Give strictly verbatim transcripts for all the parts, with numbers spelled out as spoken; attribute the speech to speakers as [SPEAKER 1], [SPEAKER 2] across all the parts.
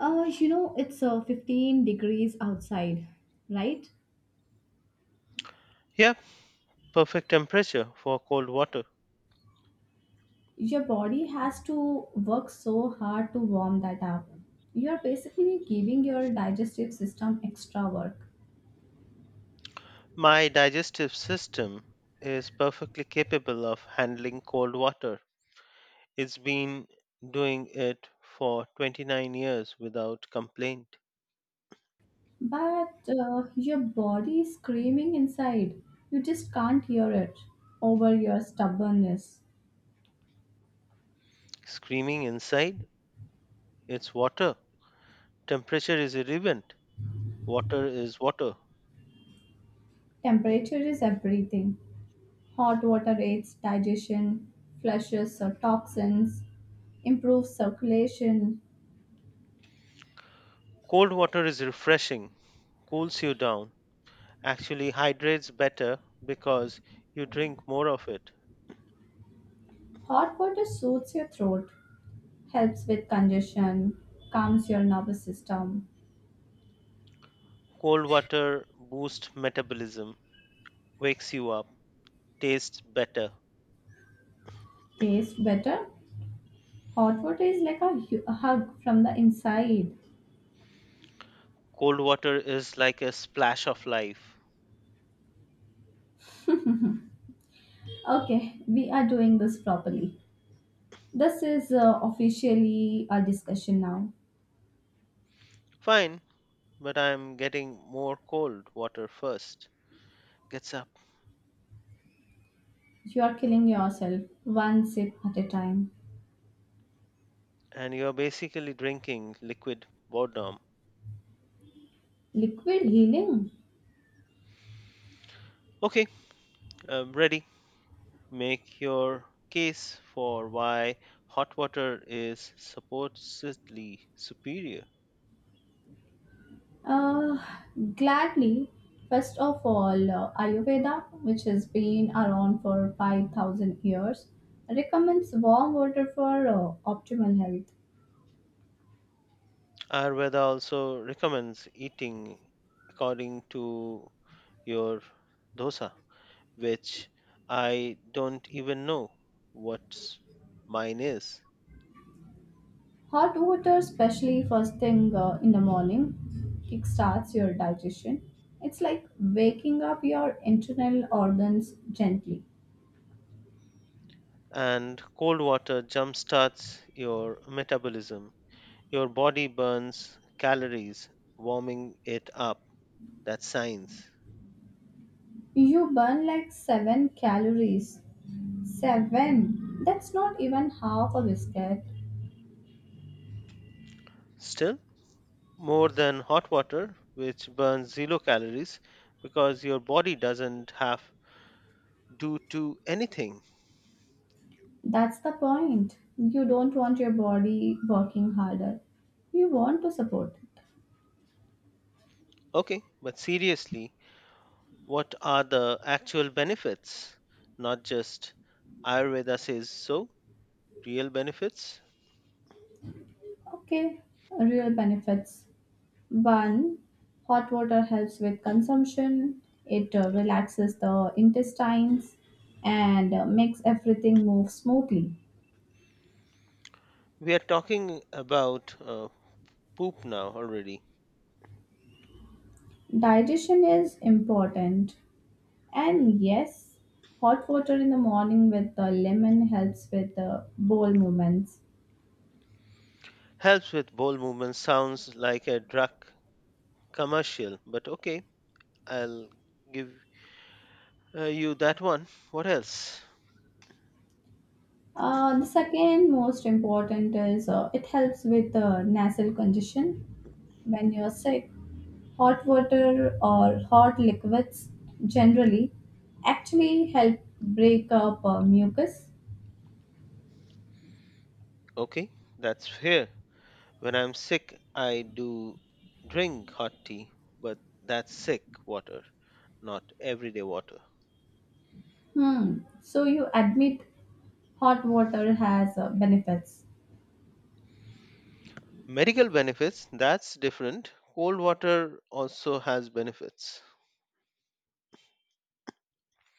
[SPEAKER 1] Uh, you know, it's uh, fifteen degrees outside, right?
[SPEAKER 2] Yeah, perfect temperature for cold water.
[SPEAKER 1] Your body has to work so hard to warm that up. You're basically giving your digestive system extra work.
[SPEAKER 2] My digestive system is perfectly capable of handling cold water. It's been doing it for twenty-nine years without complaint.
[SPEAKER 1] But uh, your body is screaming inside. You just can't hear it over your stubbornness.
[SPEAKER 2] Screaming inside, it's water. Temperature is irrelevant. Water is water.
[SPEAKER 1] Temperature is everything. Hot water aids digestion, flushes uh, toxins, improves circulation.
[SPEAKER 2] Cold water is refreshing, cools you down, actually hydrates better because you drink more of it.
[SPEAKER 1] Hot water soothes your throat, helps with congestion, calms your nervous system,
[SPEAKER 2] Cold water boosts metabolism, wakes you up tastes better.
[SPEAKER 1] tastes better. Hot water is like a hu- a hug from the inside.
[SPEAKER 2] Cold water is like a splash of life.
[SPEAKER 1] Okay, we are doing this properly. This is uh, officially a discussion now.
[SPEAKER 2] Fine, but I'm getting more cold water first. Gets up,
[SPEAKER 1] You are killing yourself one sip at a time.
[SPEAKER 2] and you're basically drinking liquid boredom.
[SPEAKER 1] Liquid healing?
[SPEAKER 2] Okay, I'm ready. Make your case for why hot water is supposedly superior.
[SPEAKER 1] Uh, Gladly. First of all, uh, Ayurveda, which has been around for five thousand years, recommends warm water for uh, optimal health.
[SPEAKER 2] Ayurveda also recommends eating according to your dosa, which I don't even know what mine is.
[SPEAKER 1] Hot water, especially first thing uh, in the morning, kickstarts your digestion. It's like waking up your internal organs gently.
[SPEAKER 2] And cold water jumpstarts your metabolism. Your body burns calories, warming it up. That's science.
[SPEAKER 1] You burn like seven calories. seven! That's not even half a biscuit.
[SPEAKER 2] Still, more than hot water, which burns zero calories because your body doesn't have do to anything.
[SPEAKER 1] That's the point. You don't want your body working harder, you want to support it.
[SPEAKER 2] Okay, but seriously, what are the actual benefits? Not just Ayurveda says so, real benefits.
[SPEAKER 1] Okay, real benefits. One, hot water helps with consumption, it uh, relaxes the intestines and uh, makes everything move smoothly.
[SPEAKER 2] We are talking about uh, poop now already.
[SPEAKER 1] Digestion is important, and yes, hot water in the morning with the lemon helps with the bowel movements.
[SPEAKER 2] Helps with bowel movement, sounds like a drug commercial, but okay, I'll give uh, you that one. What else?
[SPEAKER 1] Uh, the second most important is uh, it helps with uh, nasal congestion when you're sick, hot water or hot liquids generally actually help break up uh, mucus.
[SPEAKER 2] Okay, that's fair. When I'm sick, I do drink hot tea, but that's sick water, not everyday water.
[SPEAKER 1] Hmm. So you admit hot water has uh, benefits.
[SPEAKER 2] Medical benefits, that's different. Cold water also has benefits.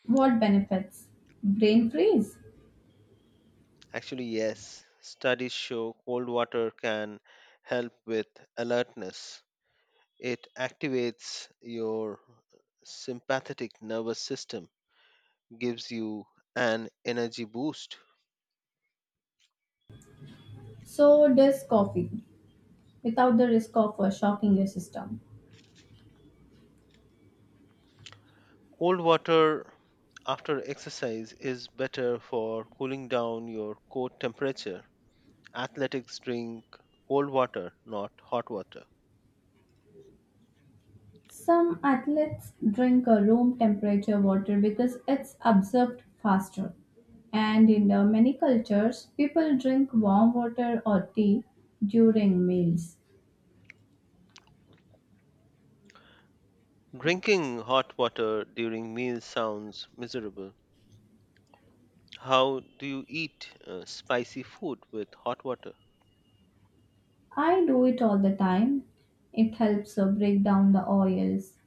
[SPEAKER 1] What benefits? Brain freeze.
[SPEAKER 2] Actually, yes, studies show cold water can help with alertness. It activates your sympathetic nervous system, gives you an energy boost.
[SPEAKER 1] So does coffee without the risk of uh, shocking your system.
[SPEAKER 2] Cold water after exercise is better for cooling down your core temperature. Athletics drink cold water, not hot water.
[SPEAKER 1] Some athletes drink a room temperature water because it's absorbed faster. And in the many cultures, people drink warm water or tea during meals.
[SPEAKER 2] Drinking hot water during meals sounds miserable. How do you eat uh, spicy food with hot water?
[SPEAKER 1] I do it all the time. It helps uh, break down the oils.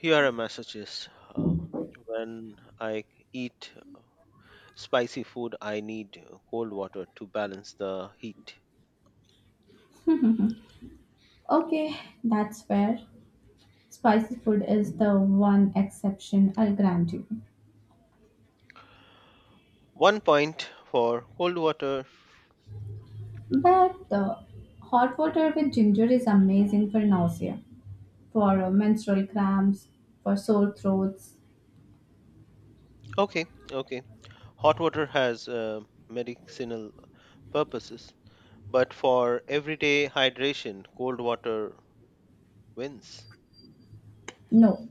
[SPEAKER 2] Here are messages. Uh, when I eat spicy food, I need uh, cold water to balance the heat.
[SPEAKER 1] Okay, that's fair. Spicy food is the one exception, I'll grant you.
[SPEAKER 2] One point for cold water.
[SPEAKER 1] But uh, hot water with ginger is amazing for nausea, for uh, menstrual cramps, for sore throats.
[SPEAKER 2] Okay, okay. Hot water has uh, medicinal purposes, but for everyday hydration, cold water wins.
[SPEAKER 1] No,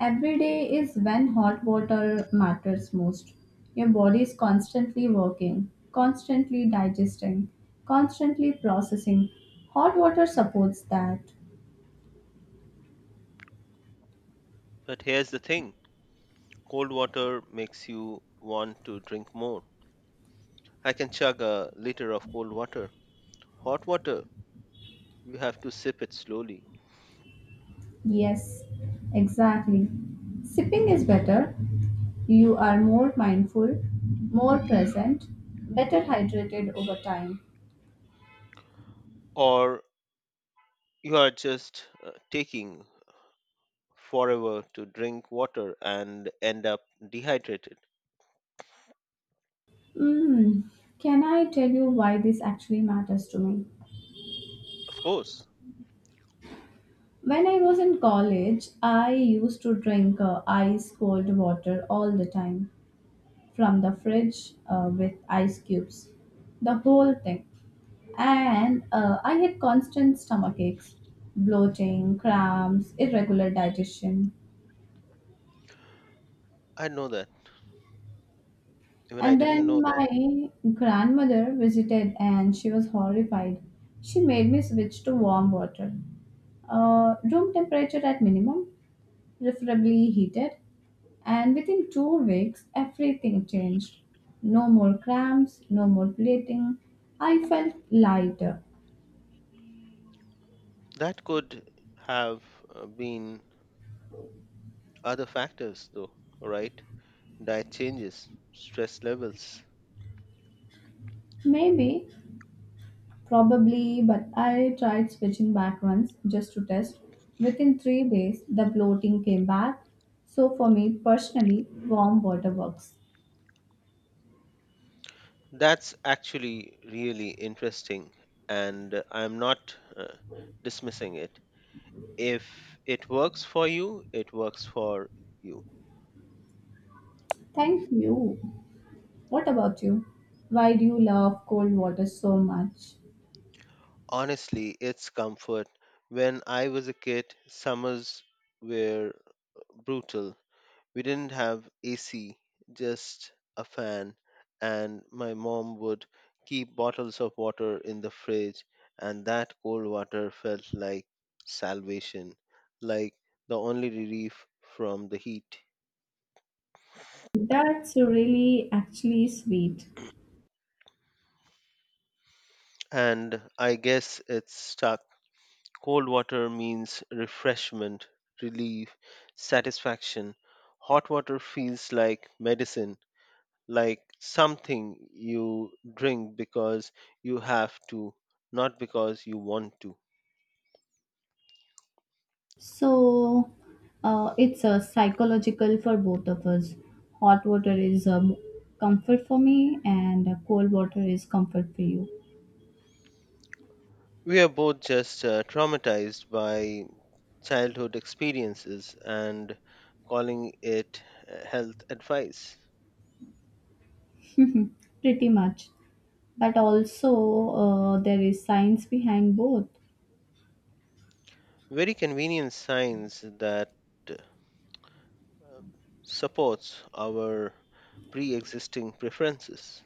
[SPEAKER 1] every day is when hot water matters most. Your body is constantly working, constantly digesting, constantly processing. Hot water supports that.
[SPEAKER 2] But here's the thing cold water makes you want to drink more. I can chug a liter of cold water. Hot water, you have to sip it slowly,
[SPEAKER 1] Yes, exactly. Sipping is better. You are more mindful, more present, better hydrated over time.
[SPEAKER 2] or you are just uh, taking forever to drink water and end up dehydrated.
[SPEAKER 1] Mm, can I tell you why this actually matters to me?
[SPEAKER 2] Of course,
[SPEAKER 1] When I was in college, I used to drink uh, ice cold water all the time from the fridge uh, with ice cubes, the whole thing. And uh, I had constant stomach aches, bloating, cramps, irregular digestion.
[SPEAKER 2] I know that. Even I
[SPEAKER 1] And
[SPEAKER 2] didn't know
[SPEAKER 1] then
[SPEAKER 2] that.
[SPEAKER 1] my grandmother visited and she was horrified. She made me switch to warm water, uh, room temperature at minimum, preferably heated. And within two weeks, everything changed. No more cramps, no more bleeding. I felt lighter.
[SPEAKER 2] That could have uh, been other factors, though, right? Diet changes, stress levels.
[SPEAKER 1] Maybe, probably, but I tried switching back once just to test. Within three days, the bloating came back. So, for me personally, warm water works.
[SPEAKER 2] That's actually really interesting, and I'm not uh, dismissing it. If it works for you, it works for you.
[SPEAKER 1] Thank you. What about you? Why do you love cold water so much?
[SPEAKER 2] Honestly, it's comfort. When I was a kid, summers were brutal. We didn't have A C, just a fan, and my mom would keep bottles of water in the fridge, and that cold water felt like salvation, like the only relief from the heat.
[SPEAKER 1] That's really actually sweet.
[SPEAKER 2] And I guess it's stuck. Cold water means refreshment, relief, satisfaction. Hot water feels like medicine, like something you drink because you have to, not because you want to.
[SPEAKER 1] So uh, it's a psychological for both of us. Hot water is um, comfort for me, and uh, cold water is comfort for you.
[SPEAKER 2] We are both just uh, traumatized by childhood experiences and calling it uh, health advice.
[SPEAKER 1] Mhm. Pretty much. But also, uh, there is science behind both.
[SPEAKER 2] Very convenient science that uh, supports our pre existing preferences.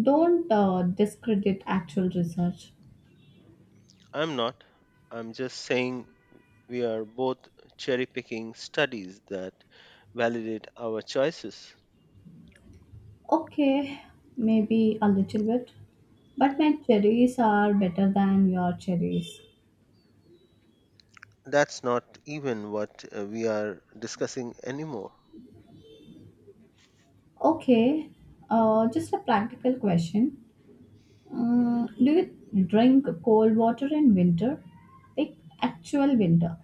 [SPEAKER 1] Don't uh, discredit actual research.
[SPEAKER 2] I'm not. I'm just saying we are both cherry picking studies that validate our choices.
[SPEAKER 1] Okay, maybe a little bit. But my cherries are better than your cherries.
[SPEAKER 2] That's not even what uh, we are discussing anymore.
[SPEAKER 1] Okay, uh, just a practical question. Uh, do you drink cold water in winter? Like actual winter?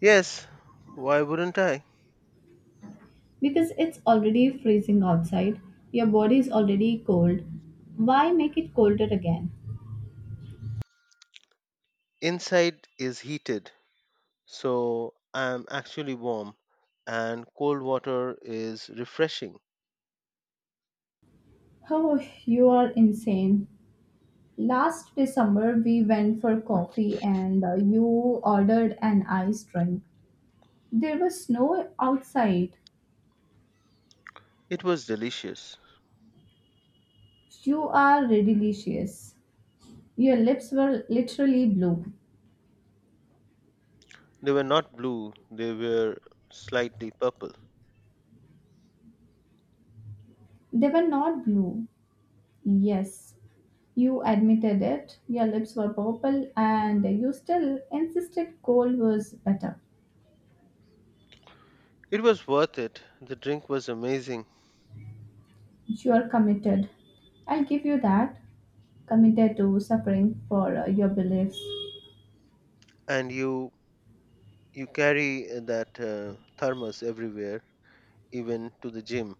[SPEAKER 2] Yes, why wouldn't I?
[SPEAKER 1] Because it's already freezing outside. Your body is already cold. Why make it colder again?
[SPEAKER 2] Inside is heated, so I'm actually warm, and cold water is refreshing.
[SPEAKER 1] Oh, you are insane. Last December, we went for coffee and uh, you ordered an ice drink. There was snow outside.
[SPEAKER 2] It was delicious.
[SPEAKER 1] You are ridiculous. Your lips were literally blue.
[SPEAKER 2] They were not blue, they were slightly purple.
[SPEAKER 1] They were not blue. Yes, you admitted it, your lips were purple, and you still insisted cold was better.
[SPEAKER 2] It was worth it. The drink was amazing,
[SPEAKER 1] You are committed. I'll give you that. Committed to suffering for uh, your beliefs.
[SPEAKER 2] and you You carry that uh, thermos everywhere, even to the gym.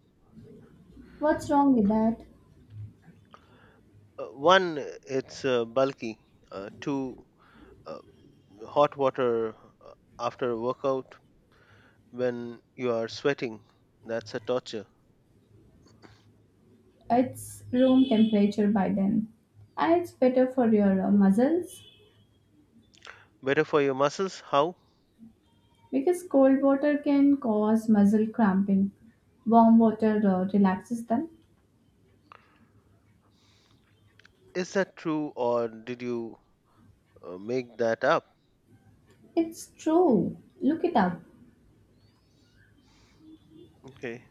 [SPEAKER 1] What's wrong with that?
[SPEAKER 2] Uh, one, it's uh, bulky. Uh, two, uh, hot water uh, after a workout when you are sweating. That's a torture.
[SPEAKER 1] It's room temperature by then. And it's better for your uh, muscles
[SPEAKER 2] Better for your muscles? How?
[SPEAKER 1] because cold water can cause muscle cramping. Warm water uh, relaxes them.
[SPEAKER 2] Is that true or did you uh, make that up?
[SPEAKER 1] It's true. Look it up.
[SPEAKER 2] Okay.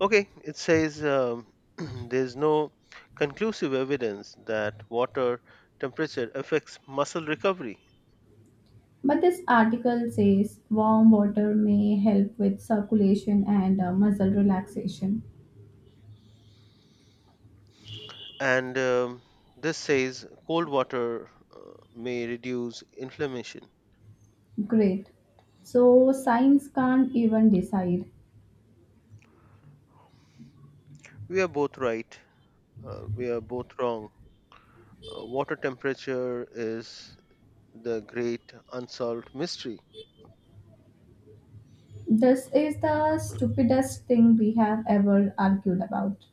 [SPEAKER 2] Okay, it says um, there's no conclusive evidence that water temperature affects muscle recovery.
[SPEAKER 1] But this article says warm water may help with circulation and uh, muscle relaxation.
[SPEAKER 2] And um, this says cold water uh, may reduce inflammation.
[SPEAKER 1] Great. So science can't even decide.
[SPEAKER 2] We are both right. Uh, we are both wrong. Uh, water temperature is the great unsolved mystery.
[SPEAKER 1] This is the stupidest thing we have ever argued about.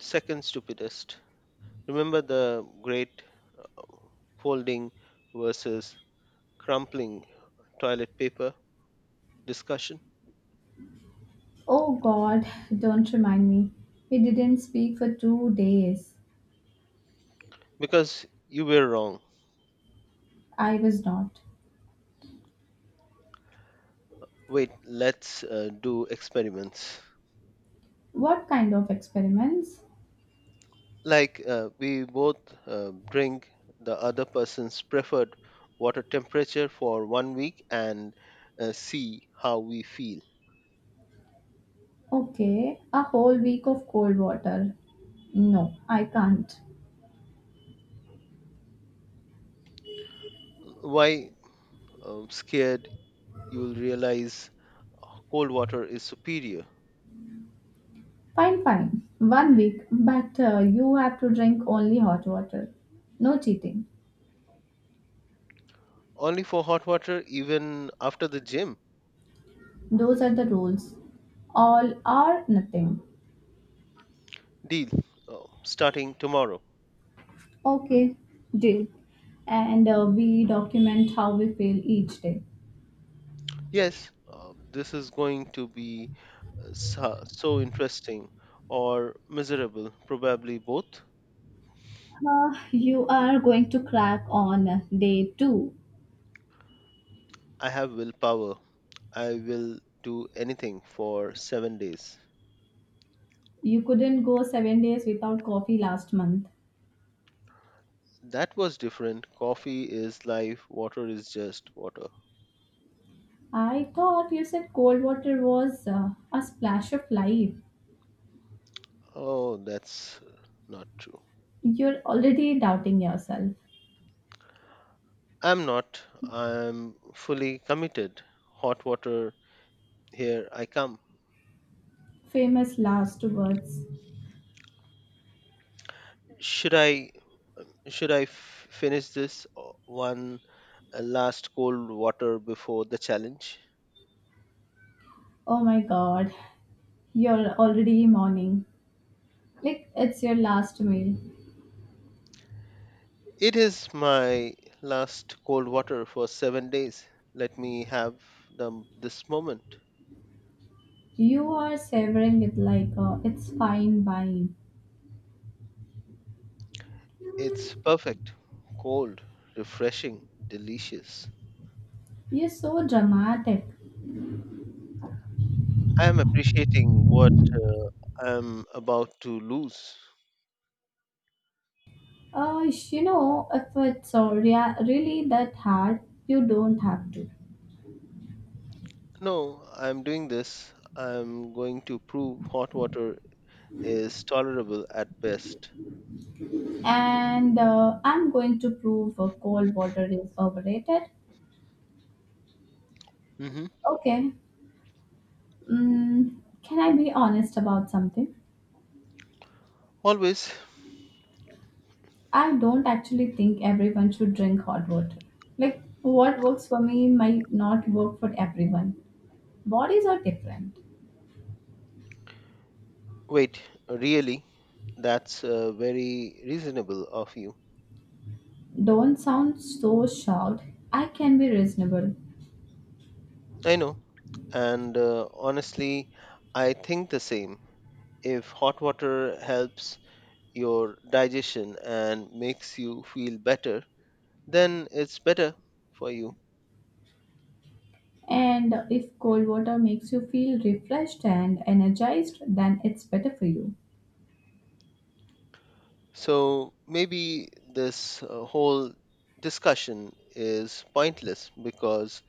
[SPEAKER 2] Second stupidest. Remember the great uh, folding versus crumpling toilet paper discussion?
[SPEAKER 1] Oh god, don't remind me. We didn't speak for two days.
[SPEAKER 2] Because you were wrong.
[SPEAKER 1] I was not.
[SPEAKER 2] Wait, let's uh, do experiments.
[SPEAKER 1] What kind of experiments?
[SPEAKER 2] Like uh, we both uh, bring the other person's preferred water temperature for one week and uh, see how we feel.
[SPEAKER 1] Okay, a whole week of cold water. No, I can't.
[SPEAKER 2] Why um, scared, you'll realize cold water is superior.
[SPEAKER 1] Fine, fine. One week, but uh, you have to drink only hot water. No cheating.
[SPEAKER 2] Only for hot water, even after the gym.
[SPEAKER 1] Those are the rules. All or nothing.
[SPEAKER 2] Deal uh, starting tomorrow.
[SPEAKER 1] Okay, deal. And uh, we document how we feel each day.
[SPEAKER 2] Yes, um, this is going to be uh, so, so interesting or miserable, probably both.
[SPEAKER 1] Uh, you are going to crack on day two.
[SPEAKER 2] I have willpower. I will do anything for seven days.
[SPEAKER 1] You couldn't go seven days without coffee last month.
[SPEAKER 2] That was different. Coffee is life, water is just water.
[SPEAKER 1] I thought you said cold water was uh, a splash of life.
[SPEAKER 2] Oh, that's not true.
[SPEAKER 1] You're already doubting yourself.
[SPEAKER 2] I'm not. I'm fully committed. Hot water, here I come.
[SPEAKER 1] Famous last words.
[SPEAKER 2] Should I should I f- finish this uh, one uh, last cold water before the challenge?
[SPEAKER 1] Oh my god, you're already mourning. Like it's your last meal.
[SPEAKER 2] It is my last cold water for seven days. Let me have them this moment.
[SPEAKER 1] You are savoring it like uh, it's fine wine.
[SPEAKER 2] It's perfect, cold, refreshing, delicious.
[SPEAKER 1] You're so dramatic.
[SPEAKER 2] I am appreciating what uh, I'm about to lose.
[SPEAKER 1] Uh, you know, if it's uh, rea- really that hard, you don't have to.
[SPEAKER 2] No, I'm doing this. I'm going to prove hot water is tolerable at best.
[SPEAKER 1] And uh, I'm going to prove uh, cold water is overrated.
[SPEAKER 2] Hmm.
[SPEAKER 1] Okay, mm, can I be honest about something?
[SPEAKER 2] Always.
[SPEAKER 1] I don't actually think everyone should drink hot water. Like, what works for me might not work for everyone. Bodies are different.
[SPEAKER 2] Wait, really? That's uh, very reasonable of you.
[SPEAKER 1] Don't sound so shocked. I can be reasonable.
[SPEAKER 2] I know. And uh, honestly, I think the same. If hot water helps, your digestion and makes you feel better, then it's better for you.
[SPEAKER 1] And if cold water makes you feel refreshed and energized, then it's better for you.
[SPEAKER 2] So maybe this uh, whole discussion is pointless because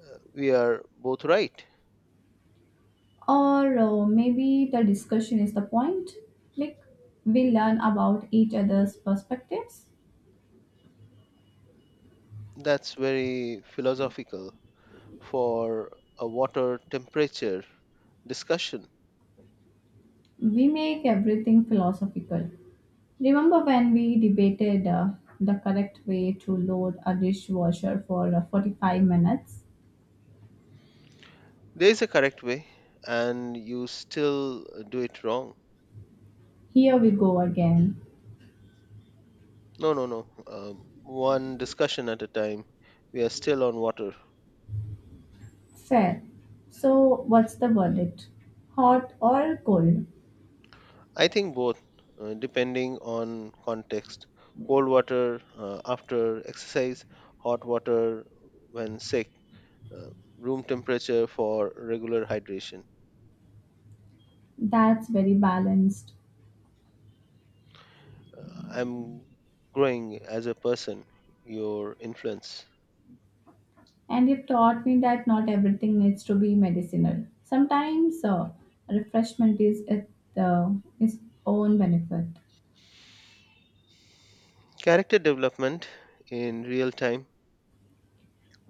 [SPEAKER 2] uh, we are both right.
[SPEAKER 1] Or uh, maybe the discussion is the point. Like, we learn about each other's perspectives.
[SPEAKER 2] That's very philosophical for a water temperature discussion.
[SPEAKER 1] We make everything philosophical. Remember when we debated uh, the correct way to load a dishwasher for uh, forty-five minutes?
[SPEAKER 2] There is a correct way, and you still do it wrong.
[SPEAKER 1] Here we go again.
[SPEAKER 2] No, no, no. Um, one discussion at a time. We are still on water.
[SPEAKER 1] Fair. So, what's the verdict? Hot or cold?
[SPEAKER 2] I think both, uh, depending on context. Cold water uh, after exercise, hot water when sick, uh, room temperature for regular hydration.
[SPEAKER 1] That's very balanced.
[SPEAKER 2] Uh, I'm growing as a person, your influence.
[SPEAKER 1] And you've taught me that not everything needs to be medicinal. Sometimes uh, refreshment is at the, its own benefit.
[SPEAKER 2] Character development in real time,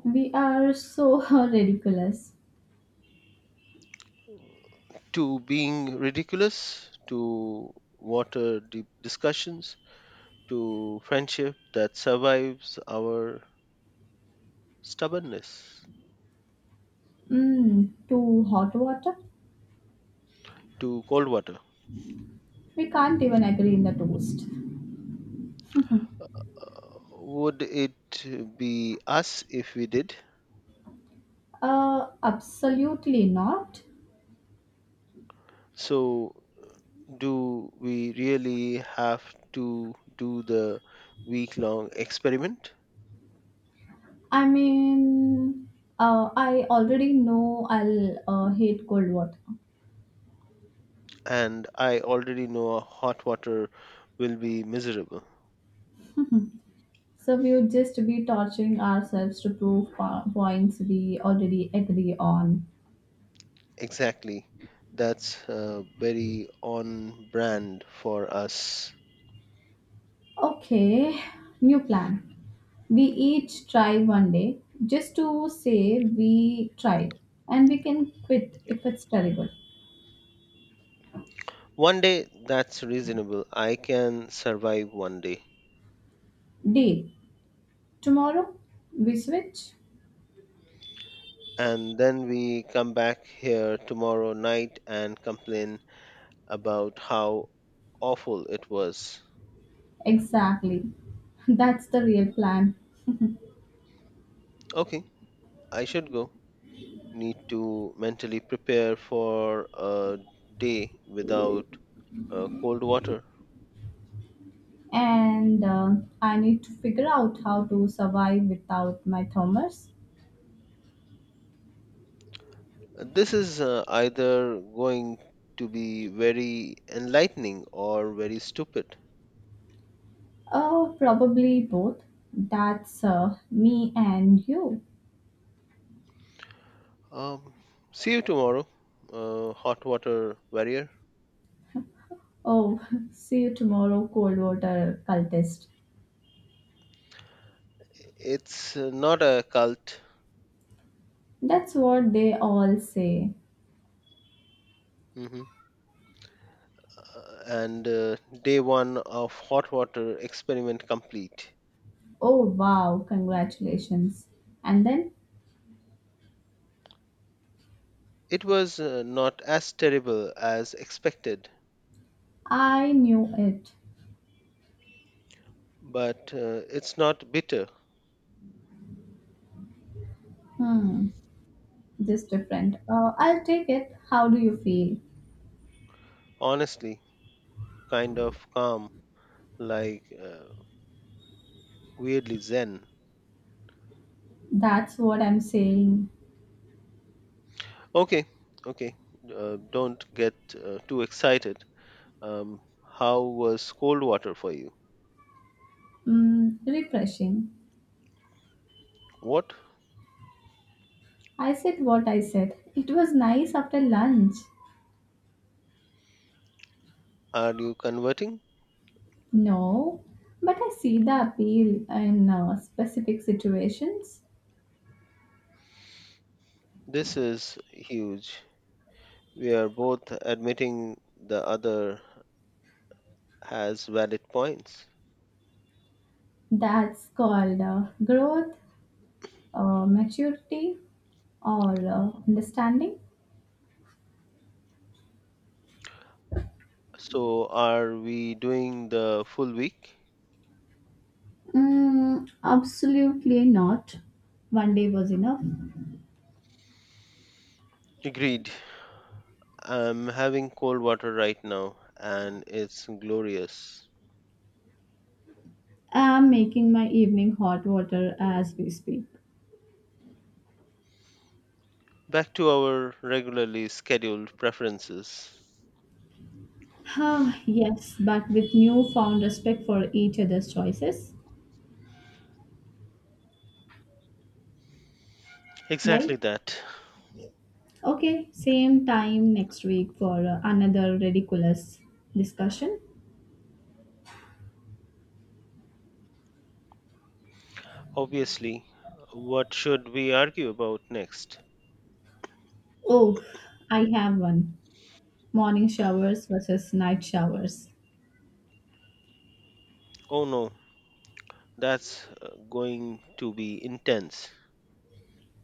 [SPEAKER 1] We are so ridiculous.
[SPEAKER 2] to being ridiculous, to water deep discussions, to friendship that survives our stubbornness,
[SPEAKER 1] Mm, to hot water?
[SPEAKER 2] to cold water.
[SPEAKER 1] We can't even agree in the toast.
[SPEAKER 2] Would it be us if we did?
[SPEAKER 1] Uh, absolutely not.
[SPEAKER 2] So, do we really have to do the week long experiment?
[SPEAKER 1] I mean, uh, I already know I'll uh, hate cold water.
[SPEAKER 2] And I already know a hot water will be miserable.
[SPEAKER 1] So we would just be torturing ourselves to prove po- points we already agree on.
[SPEAKER 2] Exactly. That's uh, very on brand for us.
[SPEAKER 1] Okay, new plan. We each try one day just to say we tried, and we can quit if it's terrible.
[SPEAKER 2] One day, that's reasonable. I can survive one day.
[SPEAKER 1] Deal. Tomorrow we switch?
[SPEAKER 2] And then we come back here tomorrow night and complain about how awful it was.
[SPEAKER 1] Exactly. That's the real plan.
[SPEAKER 2] Okay, I should go. Need to mentally prepare for a day without uh, cold water.
[SPEAKER 1] And uh, I need to figure out how to survive without my thermos.
[SPEAKER 2] This is uh, either going to be very enlightening or very stupid.
[SPEAKER 1] Uh, probably both. That's uh, me and you.
[SPEAKER 2] Um, See you tomorrow, uh, hot water warrior.
[SPEAKER 1] Oh, see you tomorrow, cold water cultist.
[SPEAKER 2] It's uh, not a cult.
[SPEAKER 1] That's what they all say.
[SPEAKER 2] Hmm. Uh, and uh, day one of hot water experiment complete.
[SPEAKER 1] Oh, wow, congratulations. And then
[SPEAKER 2] It was uh, not as terrible as expected,
[SPEAKER 1] I knew it.
[SPEAKER 2] but uh, it's not bitter,
[SPEAKER 1] Hmm, just different. Uh, I'll take it. How do you feel?
[SPEAKER 2] honestly, kind of calm, like uh, weirdly zen.
[SPEAKER 1] That's what I'm saying.
[SPEAKER 2] Okay, okay, uh, don't get uh, too excited. Um, how was cold water for you?
[SPEAKER 1] Mm, refreshing.
[SPEAKER 2] What
[SPEAKER 1] I said what I said. It was nice after lunch.
[SPEAKER 2] are you converting?
[SPEAKER 1] No, but I see the appeal in uh, specific situations.
[SPEAKER 2] This is huge. We are both admitting the other has valid points.
[SPEAKER 1] That's called uh, growth, uh, maturity, or uh, understanding.
[SPEAKER 2] So, are we doing the full week?
[SPEAKER 1] Mm, absolutely not. One day was enough.
[SPEAKER 2] Agreed. I'm having cold water right now, and it's glorious.
[SPEAKER 1] I'm making my evening hot water as we speak.
[SPEAKER 2] Back to our regularly scheduled preferences.
[SPEAKER 1] Huh, yes, but with newfound respect for each other's choices, right?
[SPEAKER 2] Exactly that.
[SPEAKER 1] Okay, same time next week for uh, another ridiculous discussion.
[SPEAKER 2] Obviously, what should we argue about next?
[SPEAKER 1] Oh, I have one. Morning showers versus night showers.
[SPEAKER 2] Oh no, that's uh, going to be intense.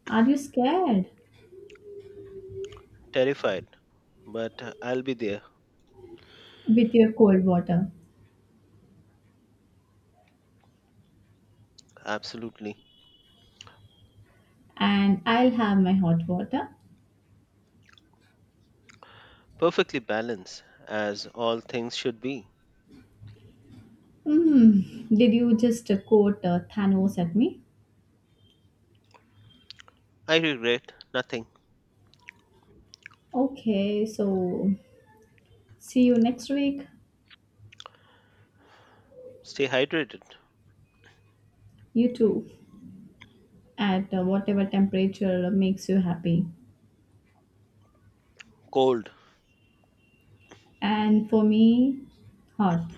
[SPEAKER 1] Are you scared?
[SPEAKER 2] Terrified, but uh, I'll be there,
[SPEAKER 1] With your cold water.
[SPEAKER 2] absolutely.
[SPEAKER 1] And I'll have my hot water.
[SPEAKER 2] Perfectly balanced, as all things should be.
[SPEAKER 1] Hmm, did you just uh, quote uh, Thanos at me?
[SPEAKER 2] I regret nothing.
[SPEAKER 1] Okay, so see you next week.
[SPEAKER 2] Stay hydrated.
[SPEAKER 1] You too, at uh, whatever temperature makes you happy.
[SPEAKER 2] Cold.
[SPEAKER 1] And for me, hot,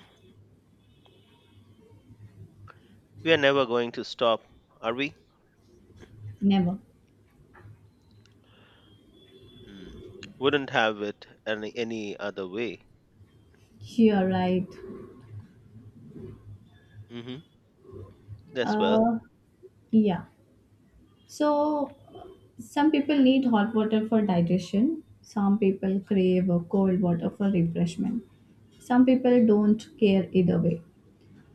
[SPEAKER 2] We are never going to stop, are we?
[SPEAKER 1] never.
[SPEAKER 2] Mhm. Wouldn't have it any, any other way.
[SPEAKER 1] You're right.
[SPEAKER 2] Hmm. That's well.
[SPEAKER 1] Uh, yeah. So some people need hot water for digestion. Some people crave uh, cold water for refreshment. Some people don't care either way.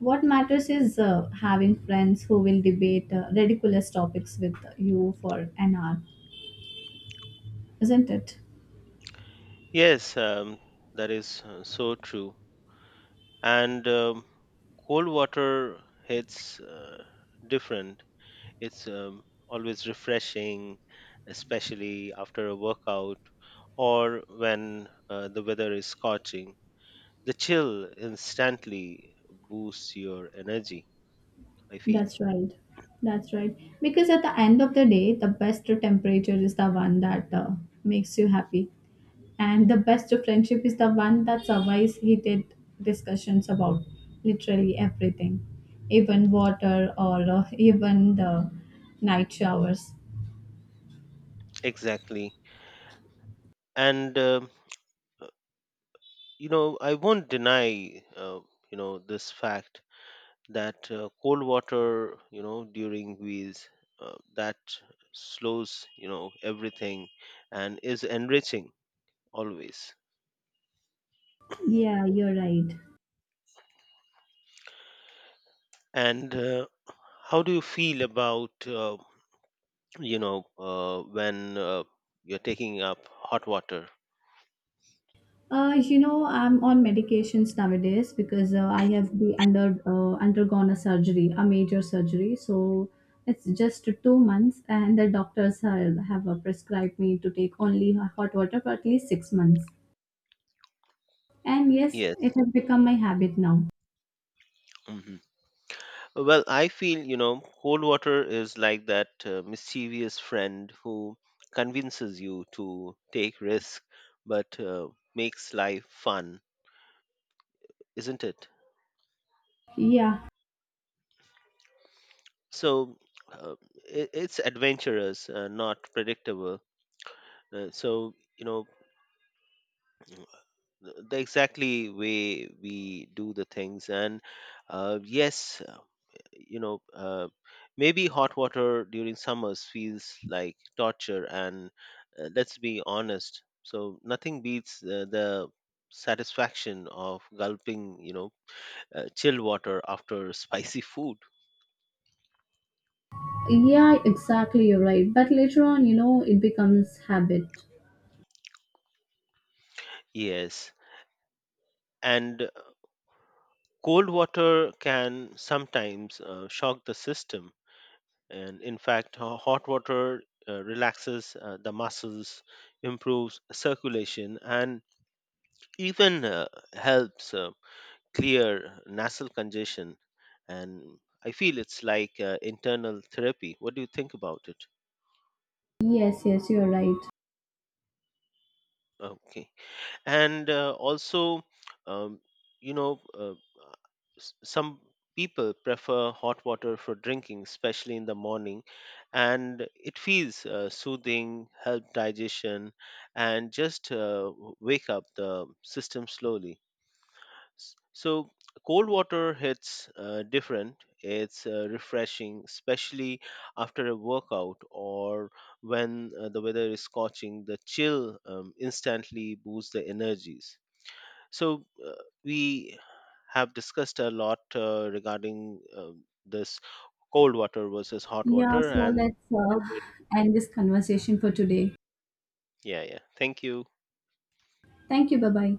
[SPEAKER 1] What matters is uh, having friends who will debate uh, ridiculous topics with you for an hour, isn't it?
[SPEAKER 2] Yes, um, that is uh, so true. And um, cold water hits uh, different. It's um, always refreshing, especially after a workout or when uh, the weather is scorching. The chill instantly boosts your energy, I feel.
[SPEAKER 1] That's right. That's right. Because at the end of the day, the best temperature is the one that uh, makes you happy. And the best friendship is the one that survives heated discussions about literally everything, even water or uh, even the night showers.
[SPEAKER 2] Exactly. And um, you know I won't deny uh, you know this fact that uh, cold water you know during meals uh, that slows you know everything and is enriching always.
[SPEAKER 1] Yeah, you're right.
[SPEAKER 2] And uh, how do you feel about uh, you know uh, when uh, you're taking up hot water?
[SPEAKER 1] Uh, you know, I'm on medications nowadays because uh, I have be under uh, undergone a surgery, a major surgery. So it's just two months, and the doctors have, have uh, prescribed me to take only hot water for at least six months. And yes,
[SPEAKER 2] Yes.
[SPEAKER 1] it has become my habit now.
[SPEAKER 2] Hmm. Well, I feel, you know, cold water is like that uh, mischievous friend who convinces you to take risk but uh, makes life fun, isn't it?
[SPEAKER 1] Yeah,
[SPEAKER 2] So uh, it, it's adventurous, uh, not predictable. Uh, so, you know, the exactly way we do the things. And uh, yes, you know uh, maybe hot water during summers feels like torture and uh, let's be honest so nothing beats uh, the satisfaction of gulping you know uh, chill water after spicy food.
[SPEAKER 1] yeah, exactly. You're right. But later on, you know, it becomes habit.
[SPEAKER 2] Yes, and uh, cold water can sometimes uh, shock the system and in fact ho- hot water uh, relaxes uh, the muscles improves circulation and even uh, helps uh, clear nasal congestion, and I feel it's like uh, internal therapy. What do you think about it?
[SPEAKER 1] Yes, yes, you're right.
[SPEAKER 2] Okay, and uh, also um, you know uh, s- some people prefer hot water for drinking especially in the morning, and it feels uh, soothing help digestion, and just uh, w- wake up the system slowly. S- So cold water hits uh, different. It's uh, refreshing, especially after a workout or when uh, the weather is scorching. The chill um, instantly boosts the energies. So uh, we have discussed a lot uh, regarding um this cold water versus hot
[SPEAKER 1] Yeah.
[SPEAKER 2] water
[SPEAKER 1] So
[SPEAKER 2] and
[SPEAKER 1] let's uh, end this conversation for today.
[SPEAKER 2] yeah, yeah, thank you.
[SPEAKER 1] Thank you. Bye bye.